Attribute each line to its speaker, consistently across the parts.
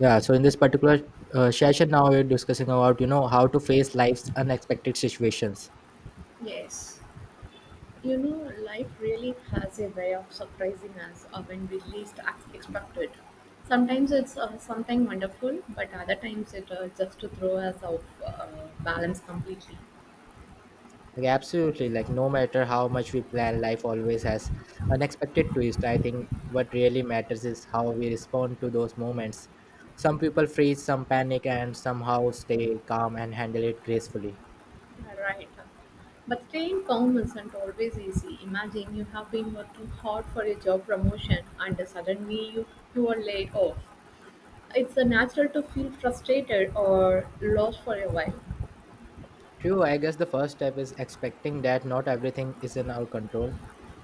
Speaker 1: Yeah, so in this particular session, now we're discussing about how to face life's unexpected situations.
Speaker 2: Yes. You know, life really has a way of surprising us when we least expect it. Sometimes it's something wonderful, but other times it just to throw us off balance completely.
Speaker 1: Like absolutely, like no matter how much we plan, life always has unexpected twist. I think what really matters is how we respond to those moments. Some people freeze, some panic, and somehow stay calm and handle it gracefully.
Speaker 2: You right. But staying calm isn't always easy. Imagine you have been working hard for a job promotion and suddenly you are laid off. It's natural to feel frustrated or lost for a while.
Speaker 1: True, I guess the first step is expecting that not everything is in our control.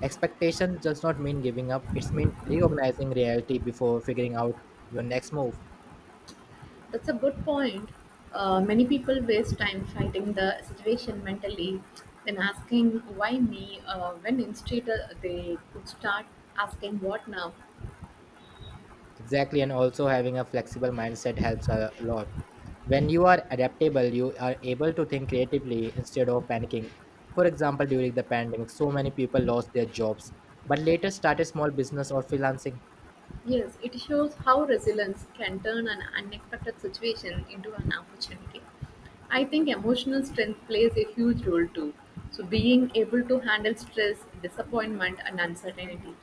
Speaker 1: Expectations does not mean giving up; it's mean recognizing reality before figuring out your next move.
Speaker 2: That's a good point. Many people waste time fighting the situation mentally, then asking why me, when instead they could start asking what now.
Speaker 1: Exactly, and also having a flexible mindset helps a lot. When you are adaptable, you are able to think creatively instead of panicking. For example, during the pandemic, so many people lost their jobs, but later started small business or freelancing.
Speaker 2: Yes, it shows how resilience can turn an unexpected situation into an opportunity. I think emotional strength plays a huge role too. So, being able to handle stress, disappointment, and uncertainty.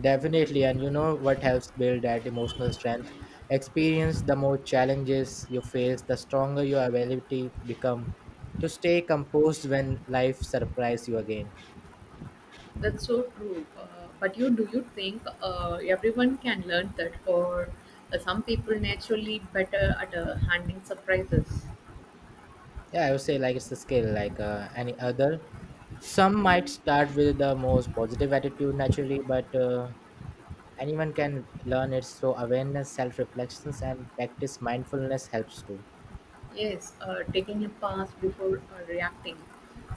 Speaker 1: Definitely, and you know what helps build that emotional strength? Experience the more challenges you face, the stronger your ability become to stay composed when life surprises you again.
Speaker 2: That's so true. But you do you think everyone can learn that, or some people naturally better at handling surprises?
Speaker 1: Yeah, I would say like it's a skill like any other. Some might start with the most positive attitude naturally, but anyone can learn it. So awareness, self-reflections, and practice mindfulness helps too.
Speaker 2: Yes, taking a pause before reacting.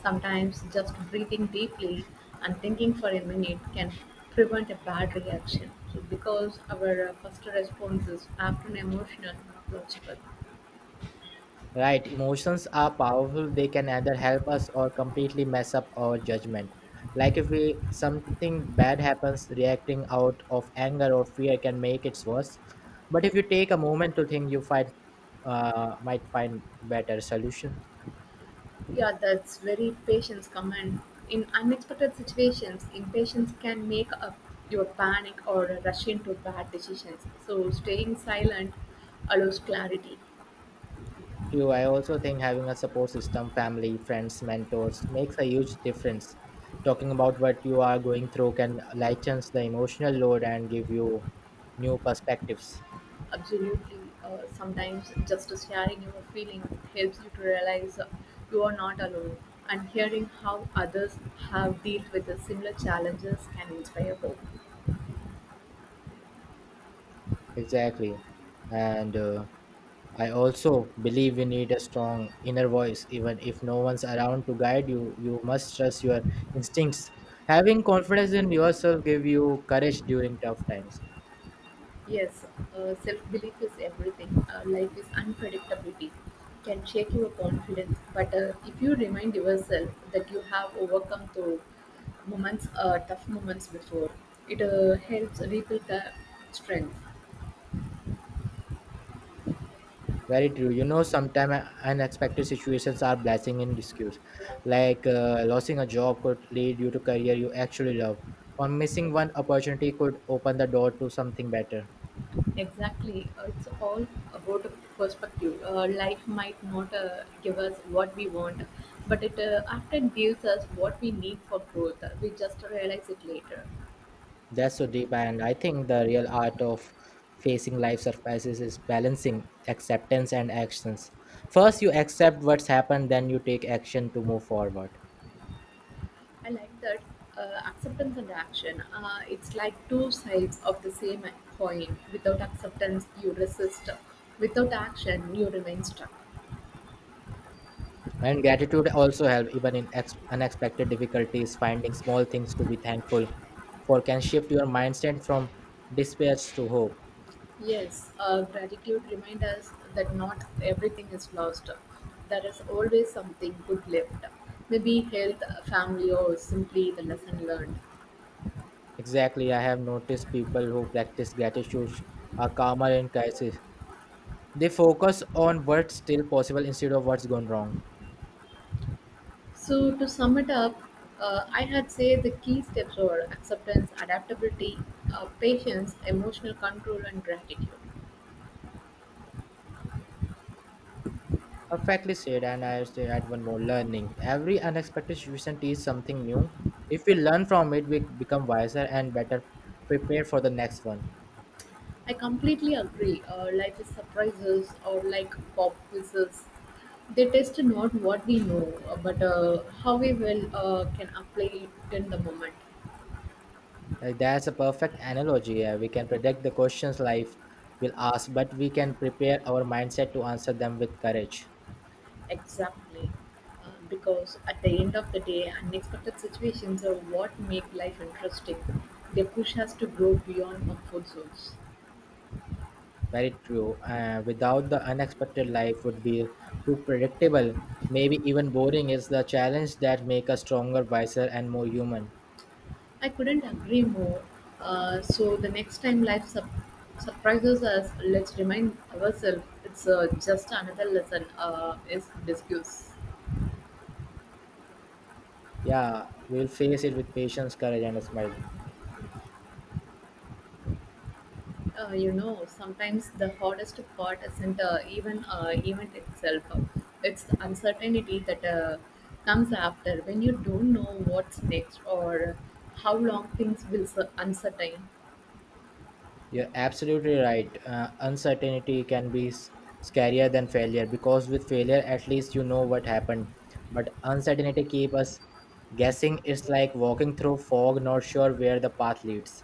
Speaker 2: Sometimes just breathing deeply and thinking for a minute can prevent a bad reaction. So because our first response is often emotional, not logical.
Speaker 1: Right, emotions are powerful. They can either help us or completely mess up our judgment. Like if we something bad happens, reacting out of anger or fear can make it worse. But if you take a moment to think, you find might find better solutions.
Speaker 2: Yeah, that's very patience command. In unexpected situations, impatience can make up your panic or rush into bad decisions. So staying silent allows clarity.
Speaker 1: True, I also think having a support system, family, friends, mentors makes a huge difference. Talking about what you are going through can lighten the emotional load and give you new perspectives.
Speaker 2: Absolutely. Sometimes just sharing your feeling helps you to realize you are not alone. And hearing how others have dealt with the similar challenges can inspire hope.
Speaker 1: Exactly. And I also believe you need a strong inner voice. Even if no one's around to guide you, you must trust your instincts. Having confidence in yourself give you courage during tough times.
Speaker 2: Yes, self belief is everything. Life is unpredictability, can shake your confidence. But if you remind yourself that you have overcome through moments, tough moments before, it helps rebuild the strength.
Speaker 1: Very true. You know, sometimes unexpected situations are blessing in disguise. Losing a job could lead you to career you actually love, or missing one opportunity could open the door to something better.
Speaker 2: Exactly. It's all about perspective. Life might not give us what we want, but it often gives us what we need for growth. We just realize it later.
Speaker 1: That's so deep, and I think the real art of facing life surprises is balancing acceptance and actions. First, you accept what's happened, then you take action to move forward.
Speaker 2: I like that acceptance and action. It's like two sides of the same coin. Without acceptance, you resist. Without action, you remain stuck.
Speaker 1: And gratitude also helps, even in unexpected difficulties, finding small things to be thankful for can shift your mindset from despair to hope.
Speaker 2: Yes, gratitude reminds us that not everything is lost. There is always something good left. Maybe health, family, or simply the lesson learned.
Speaker 1: Exactly, I have noticed people who practice gratitude are calmer in crisis. They focus on what's still possible instead of what's gone wrong.
Speaker 2: So, to sum it up, I had say the key steps are acceptance, adaptability, patience, emotional control, and gratitude.
Speaker 1: Perfectly said, and I say add one more learning. Every unexpected situation teaches something new. If we learn from it, we become wiser and better prepared for the next one.
Speaker 2: I completely agree. Life is surprises or like pop quizzes. They test not what we know, but how we will can apply it in the moment.
Speaker 1: That's a perfect analogy. We can predict the questions life will ask, but we can prepare our mindset to answer them with courage.
Speaker 2: Exactly. Because at the end of the day, unexpected situations are what make life interesting. They push us to grow beyond comfort zones.
Speaker 1: Very true. Without the unexpected, life would be too predictable, maybe even boring. It's the challenge that make us stronger, wiser, and more human.
Speaker 2: I couldn't agree more. So the next time life sup surprises us, let's remind ourselves it's just another lesson. Is discuss.
Speaker 1: Yeah, we'll face it with patience, courage, and a smile.
Speaker 2: You know, sometimes the hardest part isn't even event itself. It's the uncertainty that comes after when you don't know what's next or how long things will uncertain.
Speaker 1: You're absolutely right. Uncertainty can be scarier than failure because with failure, at least you know what happened. But uncertainty keep us guessing. It's like walking through fog, not sure where the path leads.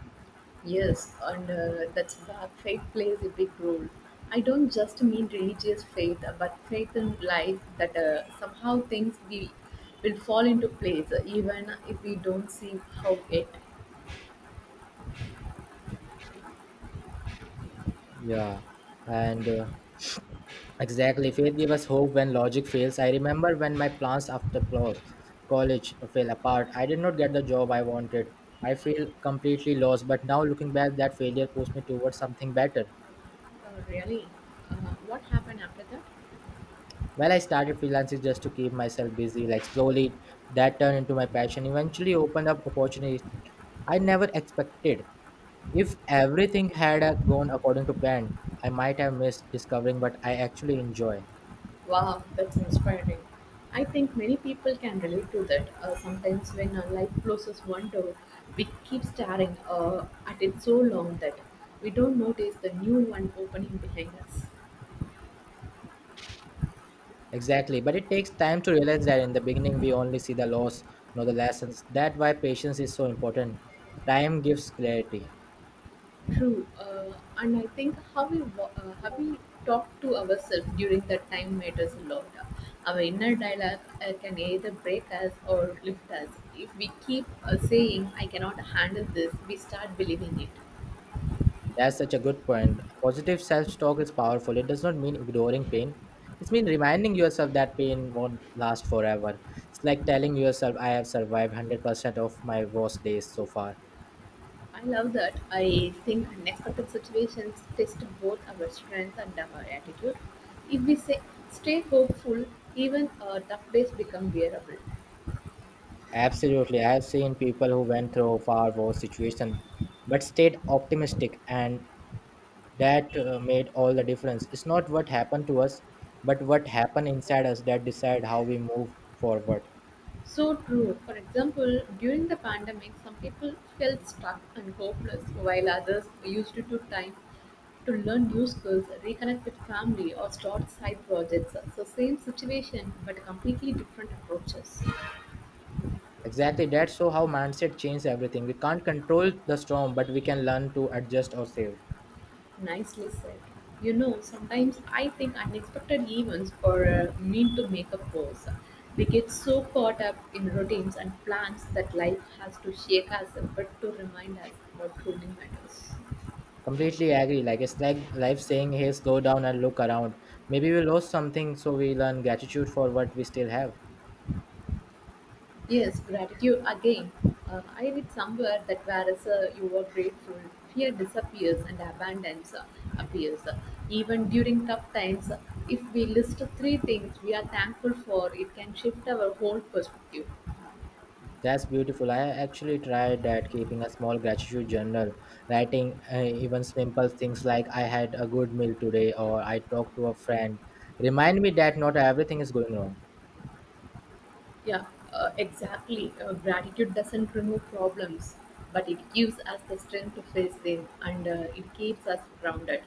Speaker 2: Yes, and that's where faith plays a big role. I don't just mean religious faith, but faith in life that somehow will fall into place, even if we don't see how it.
Speaker 1: Yeah, and Exactly. Faith gave us hope when logic fails. I remember when my plans after college fell apart. I did not get the job I wanted. I feel completely lost. But now looking back, that failure pushed me towards something better.
Speaker 2: Uh, Really? Uh, what happened after that?
Speaker 1: Well, I started freelancing just to keep myself busy. Like slowly, that turned into my passion. Eventually, opened up opportunities I never expected. If everything had gone according to plan, I might have missed discovering what I actually enjoy.
Speaker 2: Wow, that's inspiring. I think many people can relate to that. Sometimes when life closes one door, we keep staring at it so long that we don't notice the new one opening behind us.
Speaker 1: Exactly, but it takes time to realize that in the beginning we only see the loss, not the lessons. That's why patience is so important. Time gives clarity.
Speaker 2: True, and I think how we talk to ourselves during that time matters a lot. Our inner dialogue can either break us or lift us. If we keep saying "I cannot handle this," we start believing it.
Speaker 1: That's such a good point. Positive self-talk is powerful. It does not mean ignoring pain. It means reminding yourself that pain won't last forever. It's like telling yourself, I have survived 100% of my worst days so far.
Speaker 2: I love that. I think unexpected situations test both our strength and our attitude. If we say, stay hopeful, even tough days become bearable.
Speaker 1: Absolutely. I have seen people who went through far worse situation, but stayed optimistic and that made all the difference. It's not what happened to us, but what happened inside us that decide how we move forward.
Speaker 2: So true. For example, during the pandemic, some people felt stuck and hopeless, while others used it to time to learn new skills, reconnect with family, or start side projects. So, same situation, but completely different approaches.
Speaker 1: Exactly. That's so how mindset changes everything. We can't control the storm, but we can learn to adjust ourselves.
Speaker 2: Nicely said. You know, sometimes I think unexpected events or mean to make a pause. We get so caught up in routines and plans that life has to shake us, but to remind us what truly matters.
Speaker 1: Completely agree. Like it's like life saying, "Hey, slow down and look around. Maybe we lost something, so we learn gratitude for what we still have."
Speaker 2: Yes, gratitude again. I read somewhere that whereas you are grateful, fear disappears and abundance appears. Even during tough times, if we list three things we are thankful for, it can shift our whole perspective.
Speaker 1: That's beautiful. I actually tried that, keeping a small gratitude journal, writing even simple things like "I had a good meal today" or "I talked to a friend." Remind me that not everything is going wrong.
Speaker 2: Yeah, exactly. Gratitude doesn't remove problems, but it gives us the strength to face them and it keeps us grounded.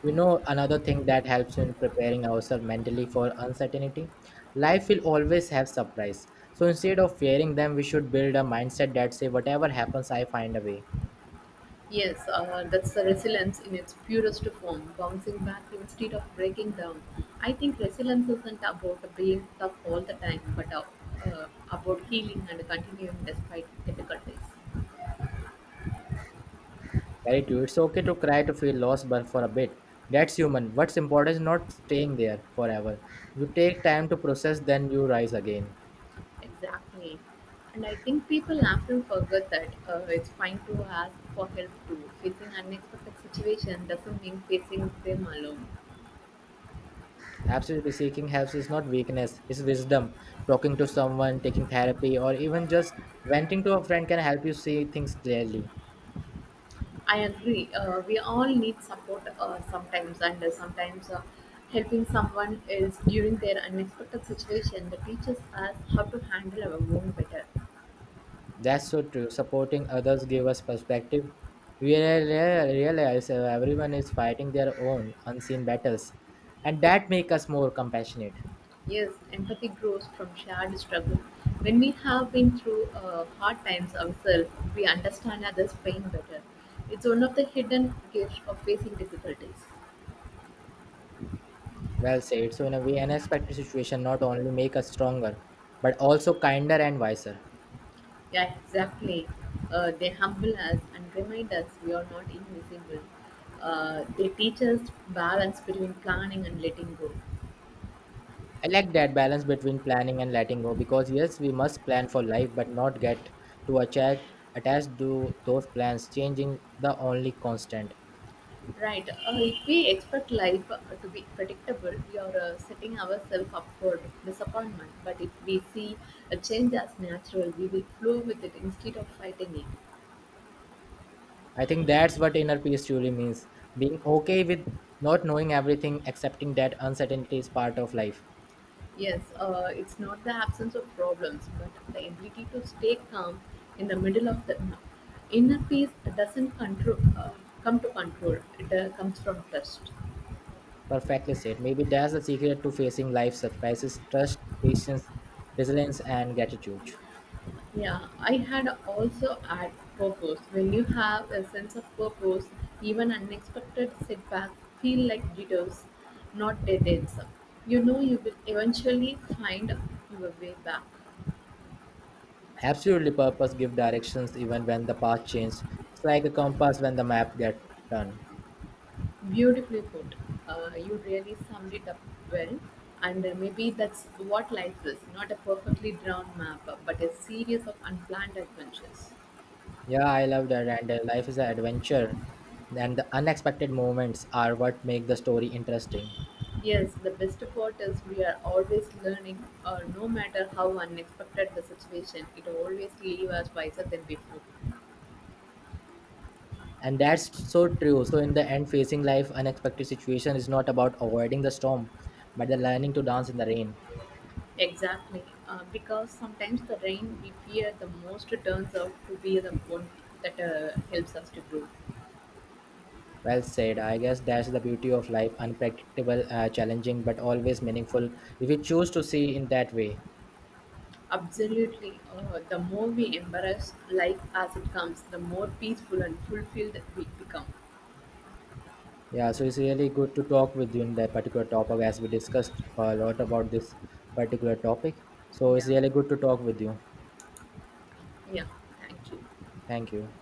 Speaker 1: You know, another thing that helps in preparing ourselves mentally for uncertainty, life will always have surprise. So instead of fearing them, we should build a mindset that say, whatever happens, I find a way.
Speaker 2: Yes, that's the resilience in its purest form, bouncing back instead of breaking down. I think resilience isn't about being tough all the time, but about healing and continuing despite difficulties.
Speaker 1: Very true. It's okay to cry to feel lost, but for a bit. That's human. What's important is not staying there forever. You take time to process, then you rise again.
Speaker 2: Exactly. And I think people often forget that it's fine to ask for help too. Facing unexpected situation doesn't mean facing them alone.
Speaker 1: Absolutely seeking help is not weakness, it's wisdom. Talking to someone, taking therapy, or even just venting to a friend can help you see things clearly.
Speaker 2: I agree. We all need support sometimes, and sometimes helping someone else during their unexpected situation that teaches us how to handle our own better.
Speaker 1: That's so true. Supporting others give us perspective. We realize everyone is fighting their own unseen battles, and that make us more compassionate.
Speaker 2: Yes, empathy grows from shared struggle. When we have been through hard times ourselves, we understand others' pain better. It's one of the hidden gifts of facing difficulties.
Speaker 1: Well said. So in a way, unexpected situation not only make us stronger, but also kinder and wiser.
Speaker 2: Yeah, exactly. They humble us and remind us we are not invisible. They teach us balance between planning and letting go.
Speaker 1: I like that balance between planning and letting go because yes, we must plan for life, but not get to attach. Attached to those plans. Changing the only constant.
Speaker 2: Right. If we expect life to be predictable, we are setting ourselves up for disappointment. But if we see a change as natural, we will flow with it instead of fighting it.
Speaker 1: I think that's what inner peace truly means being okay with not knowing everything, accepting that uncertainty is part of life.
Speaker 2: Yes, it's not the absence of problems, but the ability to stay calm in the middle of the inner peace doesn't come to control. It comes from trust.
Speaker 1: Perfectly said. Maybe that's the secret to facing life's surprises trust, patience, resilience, and gratitude.
Speaker 2: Yeah, I had also add purpose. When you have a sense of purpose, even unexpected setbacks feel like detours, not dead ends. You know you will eventually find your way back.
Speaker 1: Absolutely, purpose give directions even when the path changes. It's like a compass when the map gets turned.
Speaker 2: Beautifully put. You really summed it up well. And maybe that's what life is, not a perfectly drawn map, but a series of unplanned adventures.
Speaker 1: Yeah, I love that. And life is an adventure, and the unexpected moments are what make the story interesting.
Speaker 2: Yes, the best part is we are always learning, no matter how unexpected the situation, it always leaves us wiser than before.
Speaker 1: And that's so true, so in the end facing life unexpected situation is not about avoiding the storm but the learning to dance in the rain.
Speaker 2: Exactly, because sometimes the rain we fear the most turns out to be the one that helps us to grow.
Speaker 1: Well said, I guess that's the beauty of life unpredictable, challenging but always meaningful if you choose to see in that way.
Speaker 2: Absolutely. The more we embrace life as it comes, the more peaceful and fulfilled we become.
Speaker 1: Yeah, so it's really good to talk with you in that particular topic as we discussed a lot about this particular topic. So it's
Speaker 2: Yeah.
Speaker 1: really good to talk with you.
Speaker 2: Yeah. Thank you.
Speaker 1: Thank you.